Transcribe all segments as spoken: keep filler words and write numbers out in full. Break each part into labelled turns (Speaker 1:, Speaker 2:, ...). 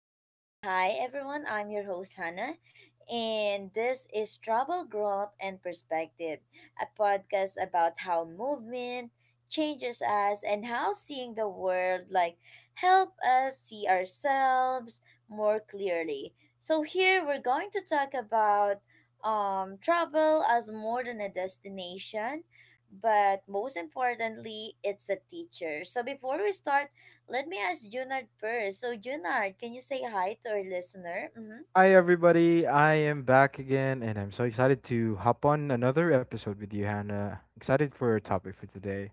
Speaker 1: So hi everyone, I'm your host Hannah and this is Travel Growth and Perspective, a podcast about how movement changes us and how seeing the world like help us see ourselves more clearly. So here we're going to talk about um, travel as more than a destination, but most importantly, it's a teacher. So before we start, let me ask Junard first. So Junard, can you say hi to our listener? Mm-hmm.
Speaker 2: Hi, everybody. I am back again, and I'm so excited to hop on another episode with you, Hannah. Excited for our topic for today.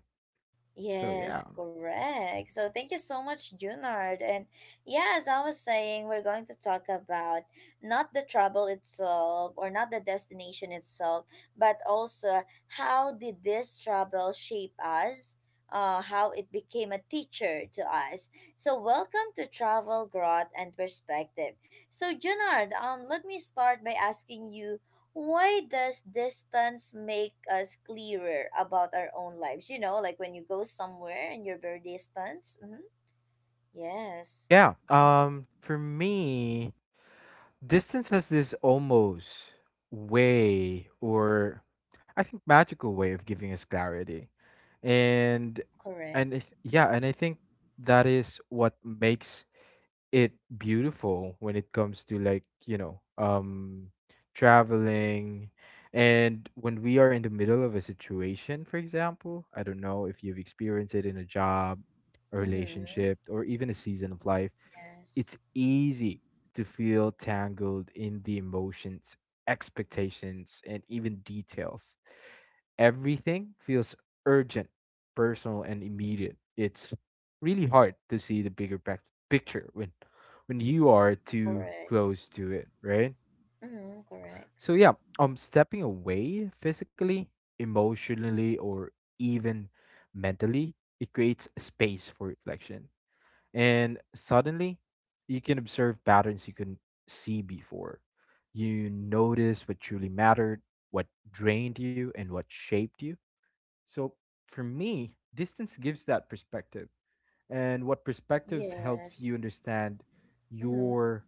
Speaker 2: So, yeah.
Speaker 1: Yes, correct. So thank you so much, Junard. And yeah, as I was saying, we're going to talk about not the travel itself or not the destination itself, but also how did this travel shape us? Uh, how it became a teacher to us. So welcome to Travel Growth and Perspective. So Junard, um, let me start by asking you why does distance make us clearer about our own lives? You know, like when you go somewhere and you're very distant. Mm-hmm. Yes,
Speaker 2: Yeah. Um, for me, distance has this almost way, or I think magical way of giving us clarity. And, and I
Speaker 1: correct.
Speaker 2: th- yeah, and I think that is what makes it beautiful when it comes to like you know um traveling. And when we are in the middle of a situation, for example, I don't know if you've experienced it in a job, a
Speaker 1: Mm-hmm.
Speaker 2: relationship, or even a season of life,
Speaker 1: Yes,
Speaker 2: it's easy to feel tangled in the emotions, expectations, and even details. Everything feels urgent, personal, and immediate. It's really hard to see the bigger pac- picture when when you are too
Speaker 1: correct.
Speaker 2: close to it, right?
Speaker 1: Mm-hmm.
Speaker 2: So
Speaker 1: Correct.
Speaker 2: yeah, um stepping away physically, emotionally, or even mentally, it creates space for reflection. And suddenly, you can observe patterns you couldn't see before. You notice what truly mattered, what drained you, and what shaped you. So for me, distance gives that perspective. And what perspectives helps you
Speaker 1: Yes.
Speaker 2: understand
Speaker 1: Mm-hmm.
Speaker 2: your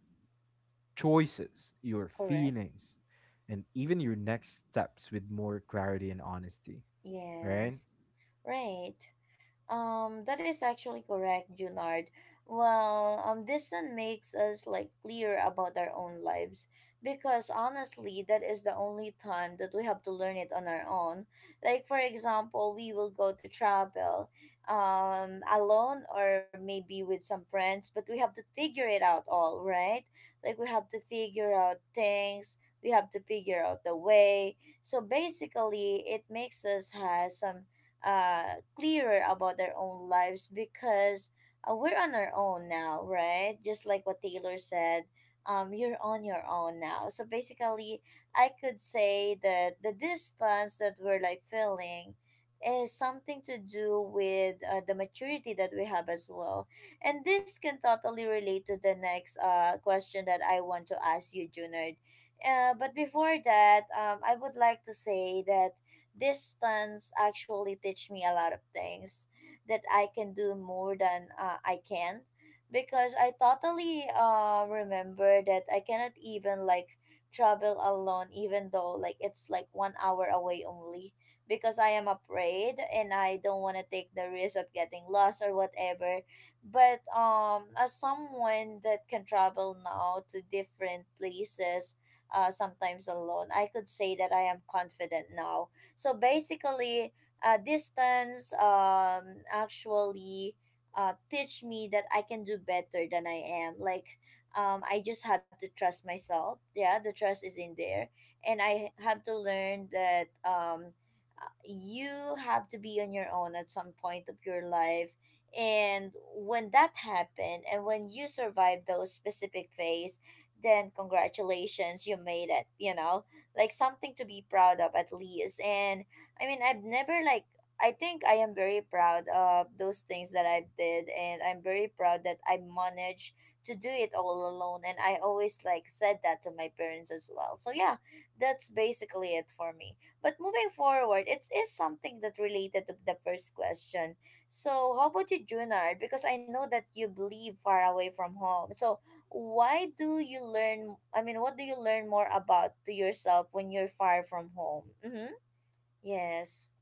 Speaker 2: choices, your
Speaker 1: Correct.
Speaker 2: feelings, and even your next steps with more clarity and honesty, right?
Speaker 1: Yes. Right. Um, that is actually correct, Junard. Well, um, distance makes us like clear about our own lives because honestly, that is the only time that we have to learn it on our own. Like for example, we will go to travel, um, alone or maybe with some friends, but we have to figure it out all, right? Like we have to figure out things. We have to figure out the way. So basically, it makes us have some uh, clearer about their own lives because uh, we're on our own now, right? Just like what Taylor said, um, you're on your own now. So basically, I could say that the distance that we're like feeling is something to do with uh, the maturity that we have as well. And this can totally relate to the next uh, question that I want to ask you, Junard. Uh, but before that, um, I would like to say that distance actually teach me a lot of things that I can do more than uh, I can because I totally uh remember that I cannot even like travel alone even though like it's like one hour away only because I am afraid and I don't want to take the risk of getting lost or whatever, but um as someone that can travel now to different places, uh sometimes alone, I could say that I am confident now. So basically, uh, distance um actually uh teach me that I can do better than I am. Like um I just have to trust myself. Yeah, the trust is in there, and I have to learn that um uh, you have to be on your own at some point of your life. And when that happened and when you survive those specific phase, then congratulations, you made it, you know, like something to be proud of at least. And I mean, I've never like, I think I am very proud of those things that I did, and I'm very proud that I managed to do it all alone. And I always like said that to my parents as well. So yeah, that's basically it for me. But moving forward, it is something that related to the first question. So how about you, Junard? Because I know that you live far away from home. So why do you learn, i mean what do you learn more about to yourself when you're far from home? Mm-hmm. Yes.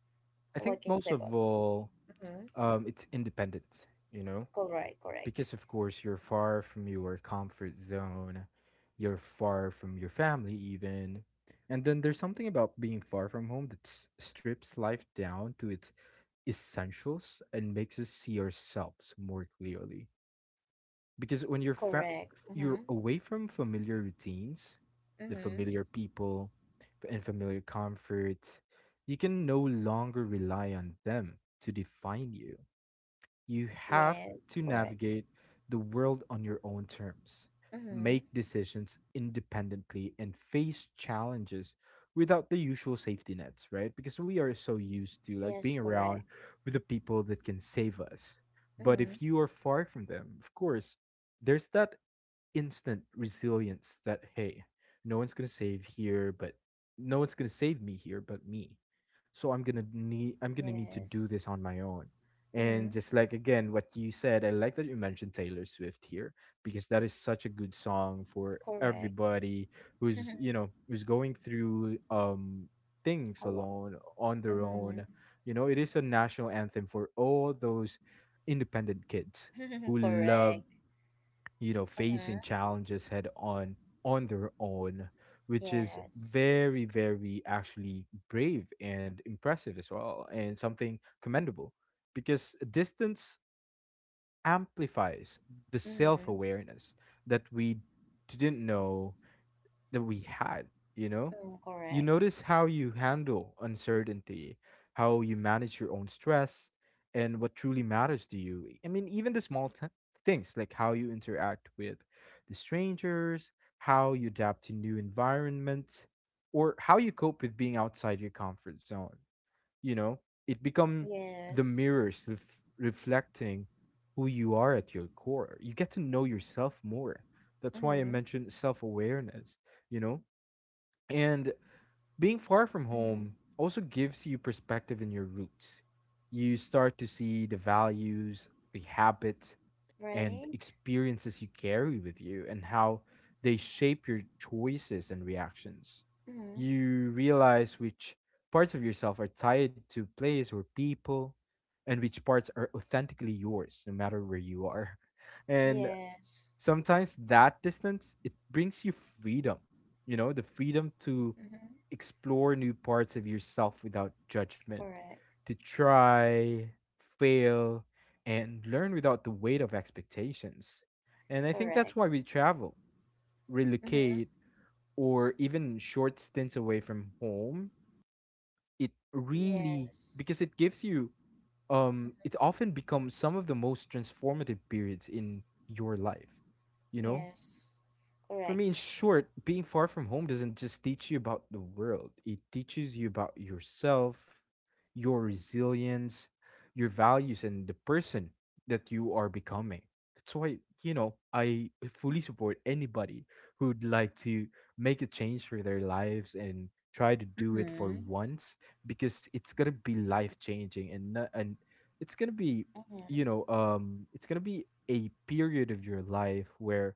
Speaker 2: I think
Speaker 1: What can you
Speaker 2: most
Speaker 1: say
Speaker 2: of
Speaker 1: about?
Speaker 2: all,
Speaker 1: Mm-hmm.
Speaker 2: um, it's independent, you know,
Speaker 1: Correct, correct.
Speaker 2: because of course you're far from your comfort zone, you're far from your family, even. And then there's something about being far from home that s- strips life down to its essentials and makes us see ourselves more clearly because when you're fa-
Speaker 1: Correct.
Speaker 2: you're
Speaker 1: Mm-hmm.
Speaker 2: away from familiar routines, the
Speaker 1: Mm-hmm.
Speaker 2: familiar people, and familiar comforts, you can no longer rely on them to define you. You have
Speaker 1: Yes,
Speaker 2: to
Speaker 1: correct.
Speaker 2: navigate the world on your own terms,
Speaker 1: Mm-hmm.
Speaker 2: make decisions independently, and face challenges without the usual safety nets, right? Because we are so used to like being
Speaker 1: Yes,
Speaker 2: around
Speaker 1: correct.
Speaker 2: with the people that can save us. But
Speaker 1: Mm-hmm.
Speaker 2: if you are far from them, of course, there's that instant resilience that hey, no one's gonna save here, but no one's gonna save me here but me. So I'm gonna need I'm gonna need to do
Speaker 1: Yes.
Speaker 2: this on my own.
Speaker 1: Mm-hmm.
Speaker 2: And just like again, what you said, I like that you mentioned Taylor Swift here because that is such a good song for
Speaker 1: Correct.
Speaker 2: everybody who's you know who's going through um things
Speaker 1: A lot.
Speaker 2: alone on their own.
Speaker 1: Mm-hmm.
Speaker 2: You know, it is a national anthem for all those independent kids who love
Speaker 1: Correct.
Speaker 2: you know facing
Speaker 1: Mm-hmm.
Speaker 2: challenges head on on their own, which is
Speaker 1: Yes.
Speaker 2: very, very actually brave and impressive as well, and something commendable because distance amplifies the
Speaker 1: Mm-hmm.
Speaker 2: self-awareness that we didn't know that we had, you know?
Speaker 1: Mm,
Speaker 2: You
Speaker 1: correct.
Speaker 2: notice how you handle uncertainty, how you manage your own stress, and what truly matters to you. I mean, even the small t- things like how you interact with the strangers, how you adapt to new environments, or how you cope with being outside your comfort zone, you know, it become the
Speaker 1: Yes.
Speaker 2: mirrors ref- reflecting who you are at your core. You get to know yourself more. That's why I
Speaker 1: Mm-hmm.
Speaker 2: mentioned self-awareness, you know. And being far from home
Speaker 1: Mm-hmm.
Speaker 2: also gives you perspective in your roots. You start to see the values, the habits, and
Speaker 1: Right.
Speaker 2: experiences you carry with you and how they shape your choices and reactions.
Speaker 1: Mm-hmm.
Speaker 2: You realize which parts of yourself are tied to place or people and which parts are authentically yours no matter where you are. And
Speaker 1: Yes.
Speaker 2: sometimes that distance, it brings you freedom, you know, the freedom to
Speaker 1: Mm-hmm.
Speaker 2: explore new parts of yourself without judgment,
Speaker 1: Correct.
Speaker 2: to try, fail, and learn without the weight of expectations. And I think that's
Speaker 1: Correct.
Speaker 2: why we travel,
Speaker 1: Mm-hmm.
Speaker 2: relocate, or even short stints away from home, it really
Speaker 1: Yes.
Speaker 2: because it gives you um it often becomes some of the most transformative periods in your life, you know.
Speaker 1: Yes.
Speaker 2: For me, in
Speaker 1: Correct.
Speaker 2: short, being far from home doesn't just teach you about the world, it teaches you about yourself, your resilience, your values, and the person that you are becoming. That's why, you know, I fully support anybody who'd like to make a change for their lives and try to do it for
Speaker 1: Mm-hmm.
Speaker 2: once because it's going to be life changing, and not, and it's going to be
Speaker 1: Mm-hmm.
Speaker 2: you know um it's going to be a period of your life where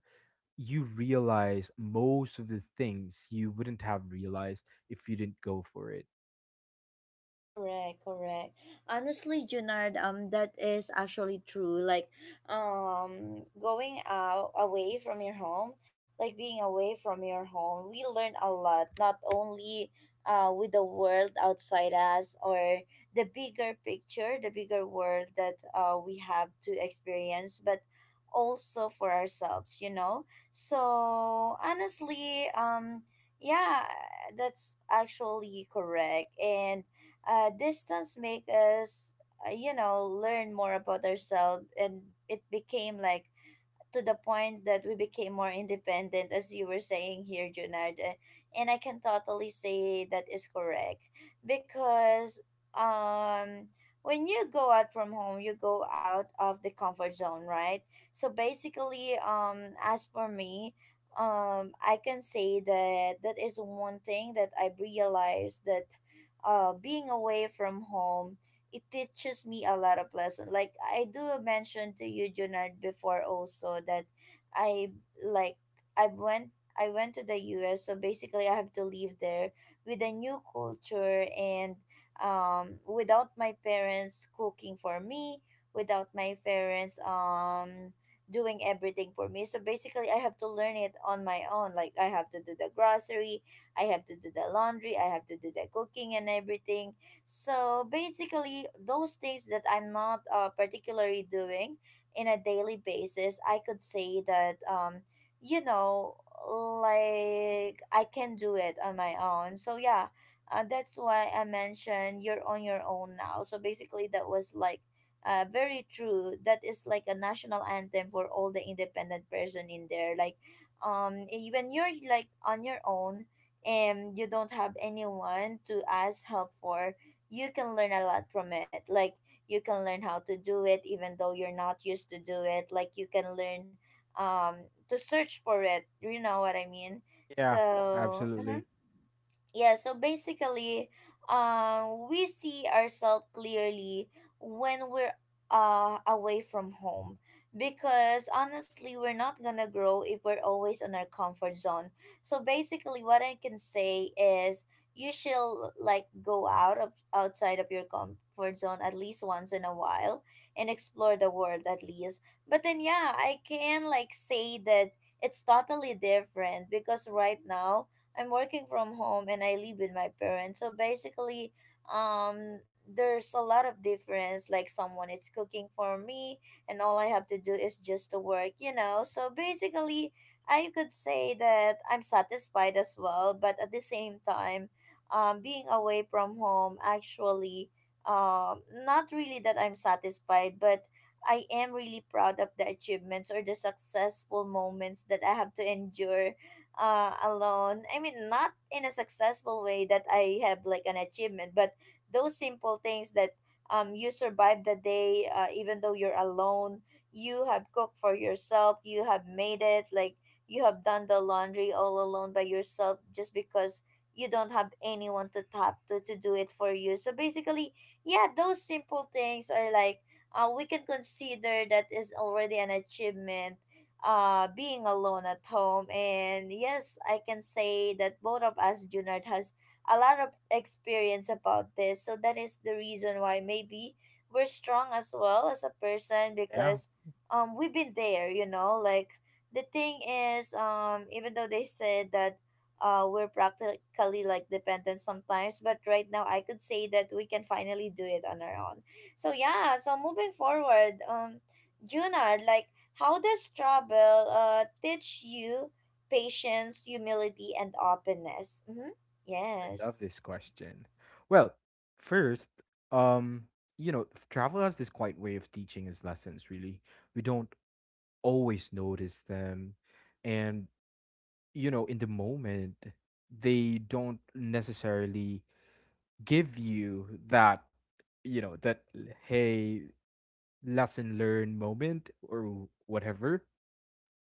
Speaker 2: you realize most of the things you wouldn't have realized if you didn't go for it.
Speaker 1: Correct, correct. Honestly, Junard, um, that is actually true. Like, um, going out away from your home, like being away from your home, we learn a lot. Not only, uh, with the world outside us or the bigger picture, the bigger world that uh we have to experience, but also for ourselves. You know. So honestly, um, yeah, that's actually correct. And uh, distance make us, uh, you know, learn more about ourselves, and it became like to the point that we became more independent, as you were saying here, Junard. Uh, And I can totally say that is correct because um, when you go out from home, you go out of the comfort zone, right? So basically, um, as for me, um, I can say that that is one thing that I've realized, that uh, being away from home, it teaches me a lot of lesson. Like I do mention to you, Junard, before also that I like I went I went to the U S, so basically I have to live there with a new culture and um without my parents cooking for me, without my parents um doing everything for me. So basically I have to learn it on my own. Like I have to do the grocery, I have to do the laundry, I have to do the cooking and everything. So basically, those things that I'm not uh, particularly doing in a daily basis, I could say that, um, you know, like I can do it on my own. So yeah, uh, that's why I mentioned you're on your own now. So basically, that was like uh, very true. That is like a national anthem for all the independent person in there. Like, um, even you're like on your own and you don't have anyone to ask help for, you can learn a lot from it. Like you can learn how to do it even though you're not used to do it. Like you can learn um to search for it. You know what I mean?
Speaker 2: Yeah,
Speaker 1: So mhm.
Speaker 2: absolutely.
Speaker 1: Yeah, so basically, um, we see ourselves clearly when we're uh, away from home. Because honestly, we're not gonna grow if we're always in our comfort zone. So basically, what I can say is you should like go out of outside of your comfort zone at least once in a while and explore the world at least. But then, yeah, I can like say that it's totally different because right now I'm working from home and I live with my parents. So basically, um, there's a lot of difference. Like someone is cooking for me, and all I have to do is just to work, you know. So basically, I could say that I'm satisfied as well, but at the same time, um, being away from home actually, um, not really that I'm satisfied, but I am really proud of the achievements or the successful moments that I have to endure uh, alone. I mean, not in a successful way that I have like an achievement, but those simple things that, um, you survive the day, uh, even though you're alone, you have cooked for yourself, you have made it, like you have done the laundry all alone by yourself just because you don't have anyone to tap to to do it for you. So basically, yeah, those simple things are like, uh, we can consider that is already an achievement, uh being alone at home. And yes, I can say that both of us, Junard, has a lot of experience about this, so that is the reason why maybe we're strong as well as a person
Speaker 2: Yeah,
Speaker 1: because um we've been there, you know, like the thing is, um even though they said that uh we're practically like dependent sometimes, but right now I could say that we can finally do it on our own. So yeah, so moving forward, um Junard, like how does travel uh, teach you patience, humility, and openness? Mm-hmm.
Speaker 2: I love
Speaker 1: Yes.
Speaker 2: this question. Well, first, um, you know, f- travel has this quiet way of teaching us lessons, really. We don't always notice them. And, you know, in the moment, they don't necessarily give you that, you know, that, hey, lesson learned moment or whatever.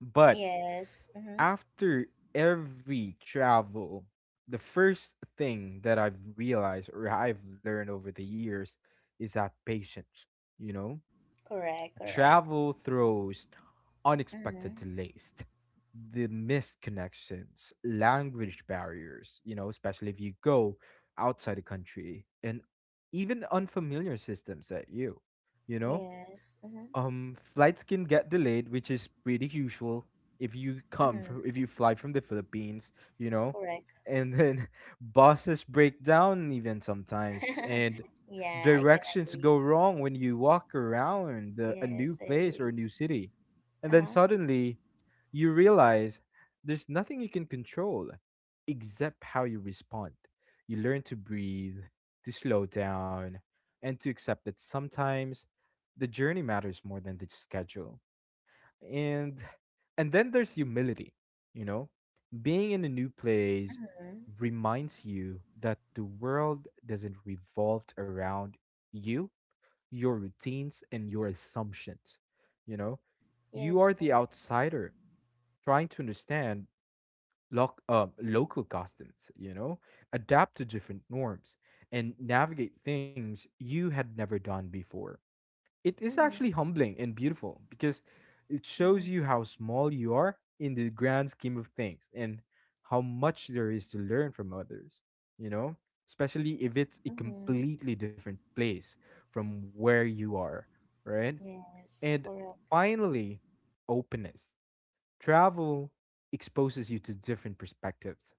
Speaker 2: But
Speaker 1: Yes. Mm-hmm.
Speaker 2: after every travel, the first thing that I've realized or I've learned over the years is that patience, you know,
Speaker 1: Correct. Correct.
Speaker 2: travel throws unexpected
Speaker 1: Mm-hmm.
Speaker 2: delays, the missed connections, language barriers, you know, especially if you go outside the country, and even unfamiliar systems at you, you know.
Speaker 1: Yes. Mm-hmm.
Speaker 2: Um, flights can get delayed, which is pretty usual if you come from,
Speaker 1: Mm-hmm.
Speaker 2: if you fly from the Philippines, you know.
Speaker 1: Correct.
Speaker 2: And then buses break down even sometimes, and
Speaker 1: Yeah, I can
Speaker 2: directions
Speaker 1: agree.
Speaker 2: go wrong when you walk around the, a
Speaker 1: Yes,
Speaker 2: new
Speaker 1: I
Speaker 2: place or
Speaker 1: agree.
Speaker 2: a new city. And then
Speaker 1: Uh-huh.
Speaker 2: suddenly you realize there's nothing you can control except how you respond. You learn to breathe, to slow down, and to accept that sometimes the journey matters more than the schedule. and and then there's humility, you know, being in a new place
Speaker 1: Mm-hmm.
Speaker 2: reminds you that the world doesn't revolve around you, your routines, and your assumptions, you know. You
Speaker 1: Yes,
Speaker 2: are the
Speaker 1: correct.
Speaker 2: outsider trying to understand loc- uh, local customs, you know, adapt to different norms, and navigate things you had never done before. It is actually
Speaker 1: Mm-hmm.
Speaker 2: humbling and beautiful because it shows
Speaker 1: Mm-hmm.
Speaker 2: you how small you are in the grand scheme of things, and how much there is to learn from others, you know? Especially if it's a
Speaker 1: Mm-hmm.
Speaker 2: completely different place from where you are, right?
Speaker 1: Yes,
Speaker 2: And
Speaker 1: correct.
Speaker 2: finally, openness. Travel exposes you to different perspectives,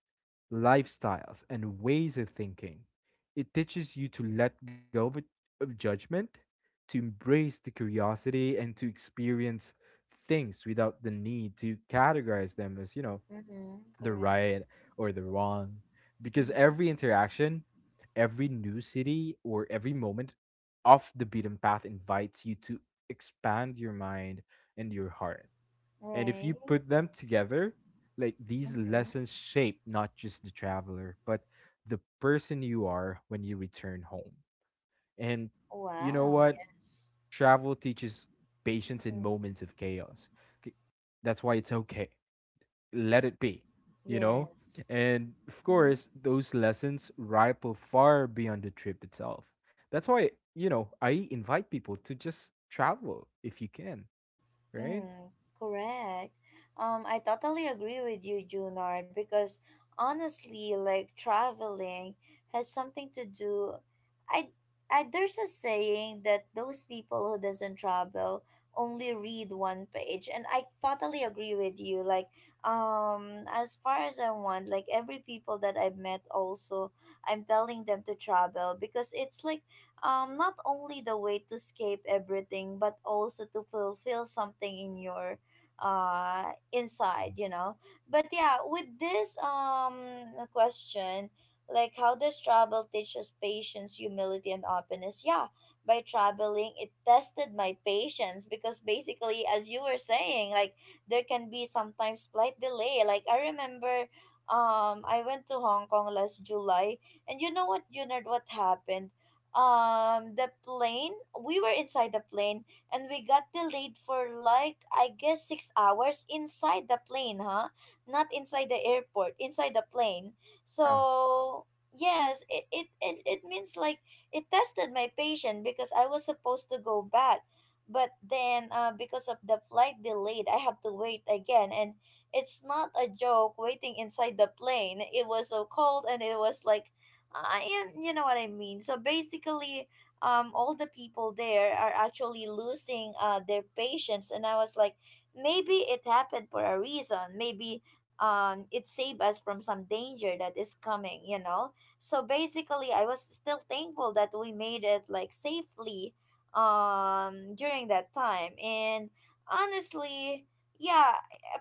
Speaker 2: lifestyles, and ways of thinking. It teaches you to let go of, of judgment, to embrace the curiosity, and to experience things without the need to categorize them as, you know,
Speaker 1: Mm-hmm.
Speaker 2: the
Speaker 1: Correct.
Speaker 2: right or the wrong. Because
Speaker 1: Mm-hmm.
Speaker 2: every interaction, every new city, or every moment off the beaten path invites you to expand your mind and your heart. And if
Speaker 1: Right.
Speaker 2: you put them together, like these
Speaker 1: Mm-hmm.
Speaker 2: lessons shape not just the traveler, but the person you are when you return home. And you know
Speaker 1: Wow,
Speaker 2: what?
Speaker 1: yes.
Speaker 2: Travel teaches patience in
Speaker 1: Mm-hmm.
Speaker 2: moments of chaos. K- That's why it's okay. Let it be, you know?
Speaker 1: Yes.
Speaker 2: And of
Speaker 1: Mm-hmm.
Speaker 2: course, those lessons ripple far beyond the trip itself. That's why, you know, I invite people to just travel if you can, right?
Speaker 1: Mm, correct. Um, I totally agree with you, Junard, because honestly, like traveling has something to do. I, I there's a saying that those people who doesn't travel only read one page, and I totally agree with you. Like, um, as far as I want, like every people that I've met, also, I'm telling them to travel because it's like um, not only the way to escape everything, but also to fulfill something in your uh inside you know but yeah, with this um question, like how does travel teach us patience, humility, and openness? Yeah, by traveling, it tested my patience because basically, as you were saying, like there can be sometimes flight delay. Like I remember, um I went to Hong Kong last July. And you know what, Junard, what happened? Um the plane, we were inside the plane and we got delayed for like, I guess, six hours inside the plane, huh? Not inside the airport, inside the plane.
Speaker 2: Yeah.
Speaker 1: So yes, it it it, it means like it tested my patience because I was supposed to go back, but then uh, because of the flight delayed, I have to wait again. And it's not a joke waiting inside the plane. It was so cold, and it was like I am, you know what I mean. So basically, um, all the people there are actually losing uh, their patience, and I was like, maybe it happened for a reason. Maybe um, it saved us from some danger that is coming. You know. So basically, I was still thankful that we made it like safely, um, during that time. And honestly, yeah,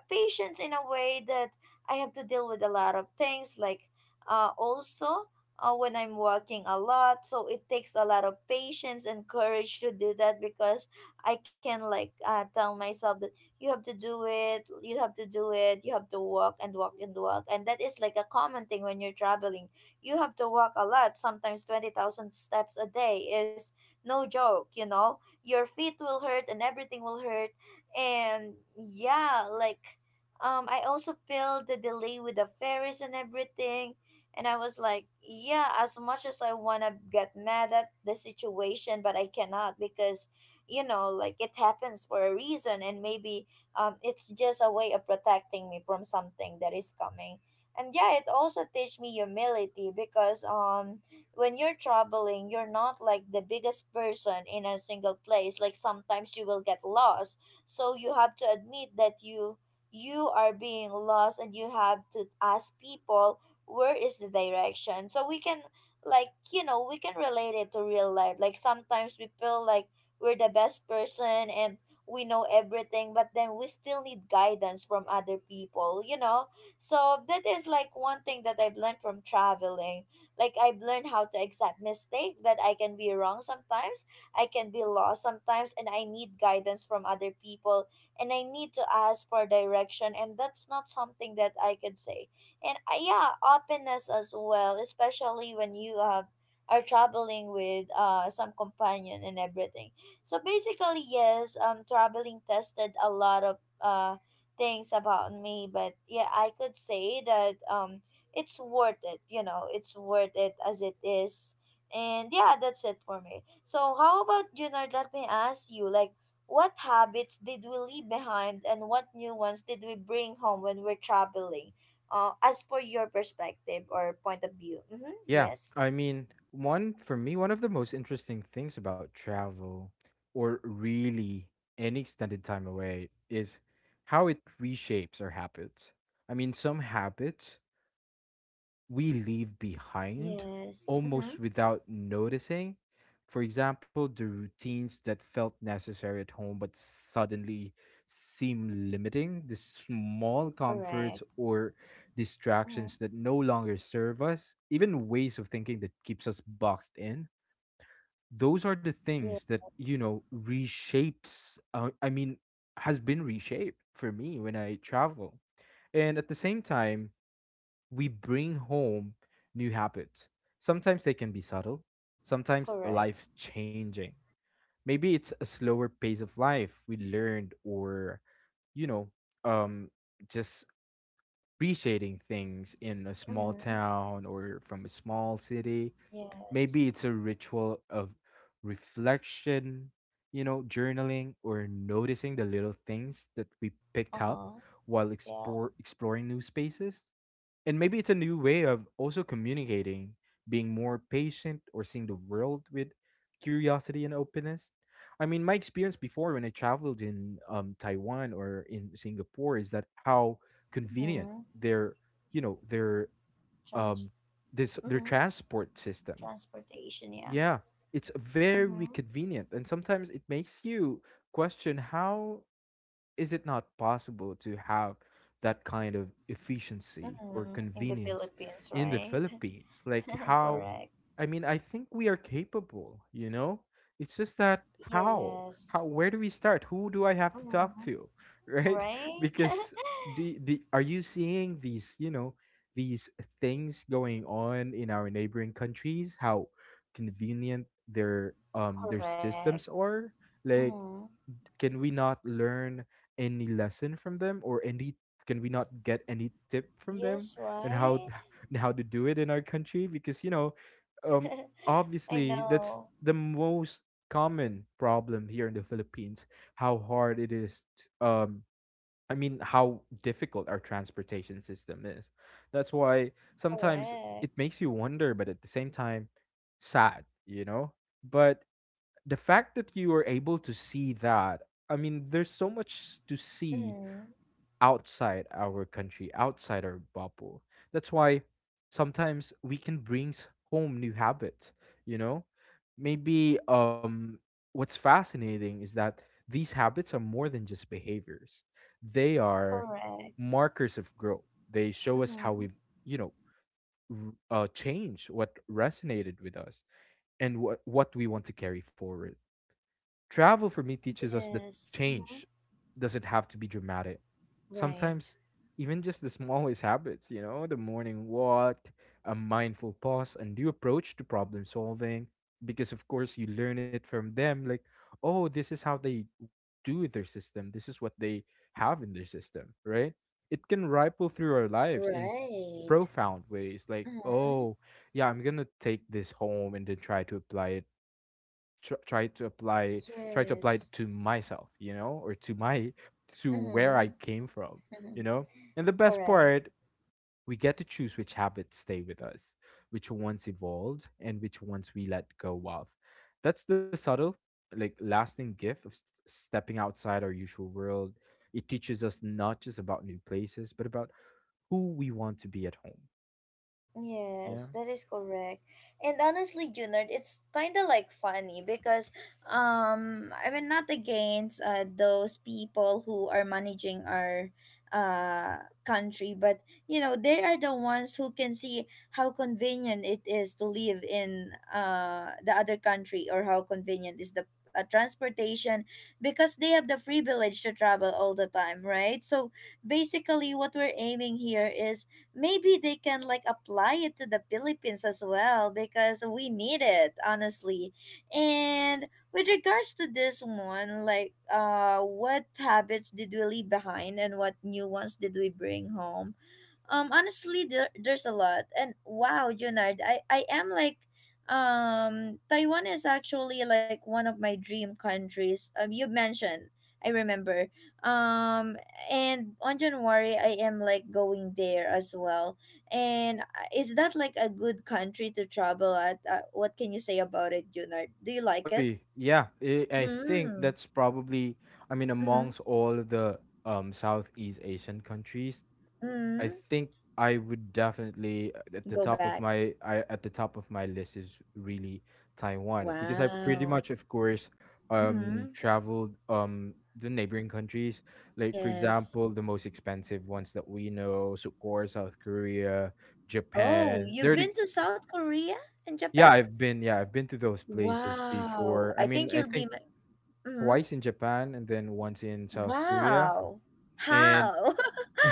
Speaker 1: patience in a way that I have to deal with a lot of things, like uh, also uh, when I'm walking a lot. So it takes a lot of patience and courage to do that because I can like uh, tell myself that you have to do it, you have to do it, you have to walk and walk and walk. And that is like a common thing when you're traveling. You have to walk a lot. Sometimes twenty thousand steps a day is no joke, you know. Your feet will hurt and everything will hurt. And yeah, like um, I also feel the delay with the ferries and everything. And I was like, yeah, as much as I want to get mad at the situation, but I cannot because, you know, like it happens for a reason. And maybe um, it's just a way of protecting me from something that is coming. And yeah, it also teach me humility because um, when you're traveling, you're not like the biggest person in a single place. Like sometimes you will get lost. So you have to admit that you you are being lost and you have to ask people where is the direction, so we can like you know we can relate it to real life. Like sometimes we feel like we're the best person and we know everything, but then we still need guidance from other people, you know. So that is like one thing that I've learned from traveling. Like I've learned how to accept mistake, that I can be wrong sometimes, I can be lost sometimes, and I need guidance from other people, and I need to ask for direction, and that's not something that I could say. And uh, yeah, openness as well, especially when you uh, are traveling with uh, some companion and everything. So basically, yes, um traveling tested a lot of uh things about me, but yeah, I could say that um it's worth it, you know, it's worth it as it is. And yeah, that's it for me. So how about, Junard, let me ask you like, what habits did we leave behind and what new ones did we bring home when we're traveling, uh, as for your perspective or point of view? Mm-hmm.
Speaker 2: Yeah,
Speaker 1: Yes.
Speaker 2: I mean, one for me, one of the most interesting things about travel, or really any extended time away, is how it reshapes our habits. I mean, some habits we leave behind
Speaker 1: Yes. Mm-hmm.
Speaker 2: almost without noticing. For example, the routines that felt necessary at home but suddenly seem limiting, the small comforts
Speaker 1: Correct.
Speaker 2: or
Speaker 1: Mm-hmm.
Speaker 2: distractions that no longer serve us, even ways of thinking that keeps us boxed in. Those are the things
Speaker 1: Yes.
Speaker 2: that, you know, reshapes, uh, I mean, has been reshaped for me when I travel. And at the same time, we bring home new habits. Sometimes they can be subtle, sometimes
Speaker 1: Correct.
Speaker 2: life changing. Maybe it's a slower pace of life we learned, or, you know, um, just appreciating things in a small
Speaker 1: Mm-hmm.
Speaker 2: town or from a small city. Maybe
Speaker 1: Yes.
Speaker 2: it's a ritual of reflection, you know, journaling, or noticing the little things that we picked up
Speaker 1: Uh-huh.
Speaker 2: while
Speaker 1: Yeah.
Speaker 2: explore, exploring new spaces. And maybe it's a new way of also communicating, being more patient, or seeing the world with curiosity and openness. I mean, my experience before when I traveled in um, Taiwan or in Singapore is that how convenient
Speaker 1: Mm-hmm.
Speaker 2: their, you know, their
Speaker 1: Trans-
Speaker 2: um, this their
Speaker 1: mm-hmm.
Speaker 2: transport system.
Speaker 1: Transportation, yeah.
Speaker 2: Yeah, it's very
Speaker 1: Mm-hmm.
Speaker 2: convenient, and sometimes it makes you question how is it not possible to have that kind of efficiency or
Speaker 1: Mm-hmm. In the
Speaker 2: convenience
Speaker 1: Philippines,
Speaker 2: in the
Speaker 1: right?
Speaker 2: Philippines? Like how
Speaker 1: Correct.
Speaker 2: I mean, I think we are capable, you know? It's just that how? How
Speaker 1: Yes.
Speaker 2: where do we start? Who do I have to talk
Speaker 1: Mm-hmm.
Speaker 2: to? Right?
Speaker 1: Right?
Speaker 2: Because the the are you seeing these, you know, these things going on in our neighboring countries? How convenient their um their
Speaker 1: Correct.
Speaker 2: systems are? Like
Speaker 1: Mm-hmm.
Speaker 2: can we not learn any lesson from them, or any, can we not get any tip from them
Speaker 1: Yes,
Speaker 2: and how,
Speaker 1: right?
Speaker 2: and how to do it in our country? Because you know um
Speaker 1: I
Speaker 2: obviously that's
Speaker 1: know.
Speaker 2: the most common problem here in the Philippines, how hard it is t um I mean, how difficult our transportation system is. That's why sometimes
Speaker 1: Correct.
Speaker 2: it makes you wonder, but at the same time, sad, you know. But the fact that you were able to see that, I mean, there's so much to see
Speaker 1: Mm-hmm.
Speaker 2: outside our country, outside our bubble. That's why sometimes we can bring s- home new habits, you know? Maybe um what's fascinating is that these habits are more than just behaviors. They are
Speaker 1: Correct.
Speaker 2: markers of growth. They show us how
Speaker 1: Mm-hmm.
Speaker 2: we've, you know, r- uh, changed what resonated with us and what what we want to carry forward. Travel for me teaches us that
Speaker 1: Yes. Mm-hmm.
Speaker 2: change doesn't have to be dramatic.
Speaker 1: Right.
Speaker 2: Sometimes, even just the smallest habits, you know, the morning walk, a mindful pause, a new approach to problem solving, because of course you learn it from them. Like, oh, this is how they do their system, this is what they have in their system, right? It can ripple through our lives in
Speaker 1: Right.
Speaker 2: profound ways. Like,
Speaker 1: Mm-hmm.
Speaker 2: oh, yeah, I'm going to take this home and then try to apply it, tr- try to apply try to apply
Speaker 1: Yes.
Speaker 2: it to myself, you know, or to my, to where
Speaker 1: Mm-hmm.
Speaker 2: I came from, you know. And the best
Speaker 1: Correct.
Speaker 2: part, we get to choose which habits stay with us, which ones evolved, and which ones we let go of. That's the subtle, like, lasting gift of st- stepping outside our usual world. It teaches us not just about new places but about who we want to be at home. Yeah.
Speaker 1: Yes, that is correct. And honestly, Junard, it's kind of like funny because um I mean, not against uh, those people who are managing our uh country, but you know, they are the ones who can see how convenient it is to live in uh the other country, or how convenient is the uh, transportation, because they have the privilege to travel all the time, right? So basically, what we're aiming here is maybe they can like apply it to the Philippines as well, because we need it honestly. And with regards to this one, like uh what habits did we leave behind and what new ones did we bring home? Um, honestly, there, there's a lot. And wow, Junard, I, I am like, um, Taiwan is actually like one of my dream countries. Um, you mentioned, I remember. Um, and on January, I am like going there as well. And uh, is that like a good country to travel at? Uh, what can you say about it, Junard? Do you like it?
Speaker 2: Oy, yeah, I I think
Speaker 1: Hmm.
Speaker 2: that's probably, I mean,
Speaker 1: Mm-hmm.
Speaker 2: amongst all the um Southeast Asian countries, I
Speaker 1: Mm-hmm.
Speaker 2: think I would definitely uh, at the
Speaker 1: Go
Speaker 2: top of
Speaker 1: back.
Speaker 2: my, I at the top of my list is really Taiwan, because I pretty
Speaker 1: Wow.
Speaker 2: much, of course, um
Speaker 1: Mm-hmm.
Speaker 2: traveled um the neighboring countries, like for
Speaker 1: Yes.
Speaker 2: example, the most expensive ones that we know, so of course, South Korea,
Speaker 1: Oh,
Speaker 2: Japan.
Speaker 1: you've
Speaker 2: They're the,
Speaker 1: been to South Korea and Japan?
Speaker 2: yeah, I've been yeah, I've been to those places
Speaker 1: Wow.
Speaker 2: before. I
Speaker 1: I
Speaker 2: mean,
Speaker 1: think
Speaker 2: I
Speaker 1: you'll be
Speaker 2: think
Speaker 1: my. Mm,
Speaker 2: twice in Japan and then once in South Korea.
Speaker 1: wow.
Speaker 2: And
Speaker 1: How?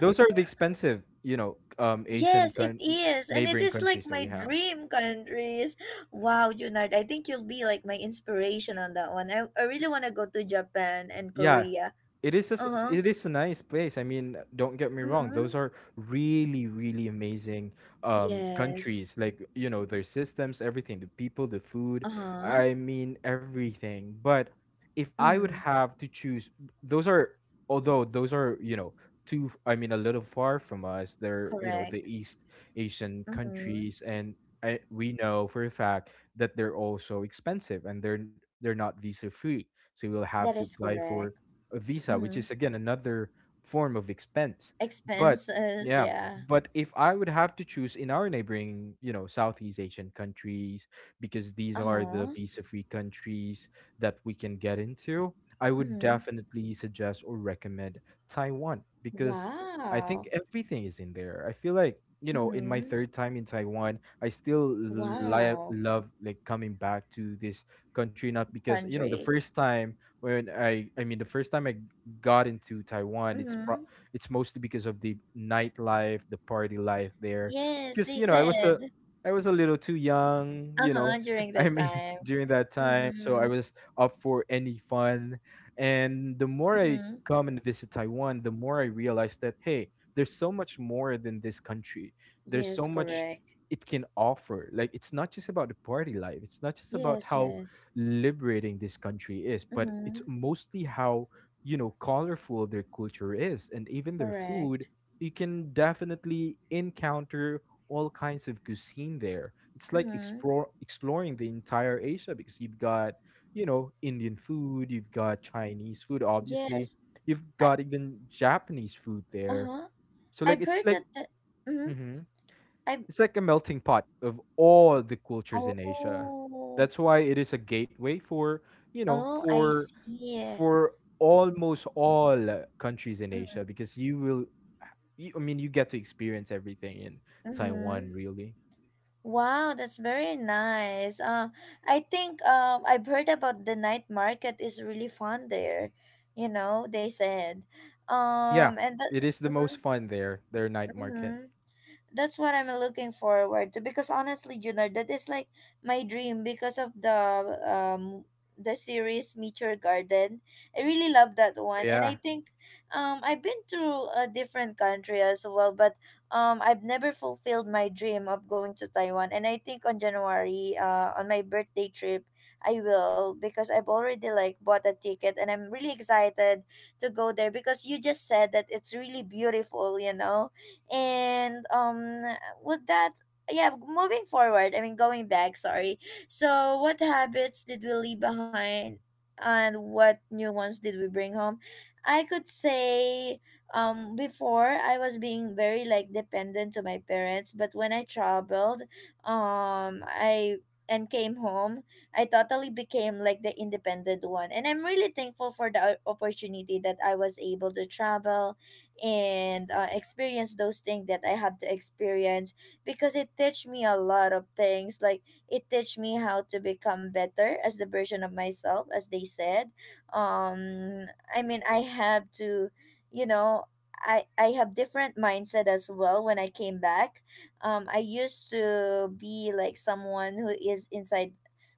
Speaker 2: those are the expensive, you know, um, Asian
Speaker 1: Yes, it
Speaker 2: coun-
Speaker 1: is. And it
Speaker 2: neighboring
Speaker 1: is like
Speaker 2: countries that
Speaker 1: my
Speaker 2: we have.
Speaker 1: dream countries. Wow, Junard, I think you'll be like my inspiration on that one. I, I really want to go to Japan and
Speaker 2: Yeah,
Speaker 1: Korea.
Speaker 2: it is a, s- s-
Speaker 1: Uh-huh.
Speaker 2: it is a nice place. I mean, don't get me wrong;
Speaker 1: Mm-hmm.
Speaker 2: those are really, really amazing um
Speaker 1: Yes.
Speaker 2: countries. Like, you know, their systems, everything, the people, the food.
Speaker 1: Uh-huh.
Speaker 2: I mean, everything. But if I would
Speaker 1: Mm,
Speaker 2: have to choose, those are, although those are, you know, too. f- I mean, a little far from us. They're, you know,
Speaker 1: correct.
Speaker 2: the East Asian
Speaker 1: Mm-hmm.
Speaker 2: countries, and I, we know for a fact that they're also expensive, and they're they're not visa free, so you will have
Speaker 1: That
Speaker 2: to
Speaker 1: is
Speaker 2: apply for
Speaker 1: correct.
Speaker 2: a visa, which
Speaker 1: Mm-hmm.
Speaker 2: is again another form of expense. But
Speaker 1: Expenses,
Speaker 2: yeah,
Speaker 1: yeah.
Speaker 2: but if I would have to choose in our neighboring, you know, Southeast Asian countries, because these are the
Speaker 1: Uh-huh.
Speaker 2: visa free countries that we can get into, I would
Speaker 1: Mhm.
Speaker 2: definitely suggest or recommend Taiwan, because I think
Speaker 1: Wow.
Speaker 2: everything is in there. I feel like, you know, in my
Speaker 1: Mm-hmm.
Speaker 2: third time in Taiwan, I still li-
Speaker 1: Wow.
Speaker 2: love, like, coming back to this country, not because, you know, the
Speaker 1: Country.
Speaker 2: first time when i i mean the first time I got into Taiwan, it's pro-
Speaker 1: Mm-hmm.
Speaker 2: it's mostly because of the nightlife, the party life there,
Speaker 1: Yes,
Speaker 2: because
Speaker 1: they
Speaker 2: you know I was a,
Speaker 1: said.
Speaker 2: I was a little too young, you
Speaker 1: Uh-huh,
Speaker 2: know,
Speaker 1: during
Speaker 2: I
Speaker 1: that
Speaker 2: mean
Speaker 1: time.
Speaker 2: during that time, so I
Speaker 1: Mm-hmm.
Speaker 2: was up for any fun. And the more I
Speaker 1: Mm-hmm.
Speaker 2: come and visit Taiwan, the more I realize that, hey, there's so much more than this country, there's
Speaker 1: Yes,
Speaker 2: so much
Speaker 1: correct.
Speaker 2: it can offer. Like, it's not just about the party life, it's not just about
Speaker 1: Yes,
Speaker 2: how
Speaker 1: yes.
Speaker 2: liberating this country is, but it's
Speaker 1: Mm-hmm.
Speaker 2: mostly how, you know, colorful their culture is and even their food.
Speaker 1: Correct.
Speaker 2: You can definitely encounter all kinds of cuisine there. It's like
Speaker 1: Mm-hmm.
Speaker 2: explore exploring the entire Asia, because you've got, you know, Indian food, you've got Chinese food, obviously.
Speaker 1: Yes.
Speaker 2: You've
Speaker 1: I
Speaker 2: got even Japanese food there.
Speaker 1: uh-huh.
Speaker 2: So like,
Speaker 1: I've
Speaker 2: it's
Speaker 1: heard
Speaker 2: like,
Speaker 1: that the mm-hmm.
Speaker 2: mhm,
Speaker 1: I
Speaker 2: it's like a melting pot of all the cultures in Asia.
Speaker 1: oh,
Speaker 2: That's why it is a gateway for, you know,
Speaker 1: oh, I
Speaker 2: for
Speaker 1: see.
Speaker 2: for almost all uh, countries in Asia, because you will you, I mean, you get to experience everything in Taiwan
Speaker 1: Mm-hmm.
Speaker 2: really.
Speaker 1: Wow, that's very nice. Uh, I think um, I've heard about the night market is really fun there. You know, they said.
Speaker 2: Yeah,
Speaker 1: Um, and that.
Speaker 2: it is the most
Speaker 1: Mm-hmm,
Speaker 2: fun there, their night market.
Speaker 1: mm-hmm, that's what I'm looking forward to because honestly, Junard, that is like my dream because of the um the series Meet Your Garden. I really love that one, and I
Speaker 2: Yeah.
Speaker 1: think um I've been to a different country as well, but um I've never fulfilled my dream of going to Taiwan, and I think on January uh on my birthday trip I will, because I've already like bought a ticket, and I'm really excited to go there because you just said that it's really beautiful, you know. And um with that, yeah, moving forward, I mean going back, sorry, so what habits did we leave behind and what new ones did we bring home? I could say um before I was being very like dependent to my parents, but when I traveled, um I and came home, I totally became like the independent one, and I'm really thankful for the o- opportunity that I was able to travel and uh, experience those things that I have to experience, because it teach me a lot of things. Like it teach me how to become better as the version of myself, as they said. Um, I mean, I have to, you know. I, I have different mindset as well when I came back. Um, I used to be like someone who is inside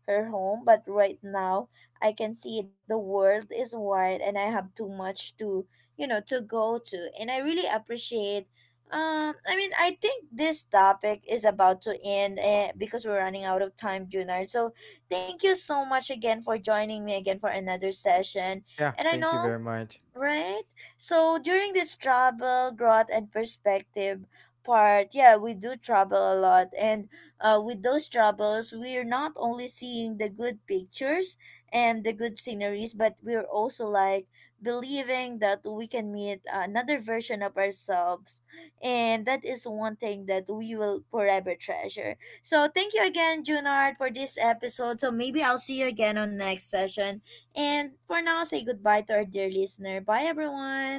Speaker 1: her home, but right now I can see that the world is wide and I have too much to, you know, to go to. And I really appreciate um I mean, I think this topic is about to end, eh, because we're running out of time, Junard. So thank you so much again for joining me again for another session.
Speaker 2: Yeah,
Speaker 1: And I
Speaker 2: thank you
Speaker 1: know.
Speaker 2: very much.
Speaker 1: Right? So during this travel, growth, and perspective part, yeah, we do travel a lot. And uh, with those travels, we're not only seeing the good pictures and the good sceneries, but we're also like believing that we can meet another version of ourselves. And that is one thing that we will forever treasure. So thank you again, Junard, for this episode. So maybe I'll see you again on next session. And for now, say goodbye to our dear listener. Bye,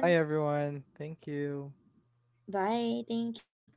Speaker 2: Bye everyone. Thank you.
Speaker 1: Bye. Thank you.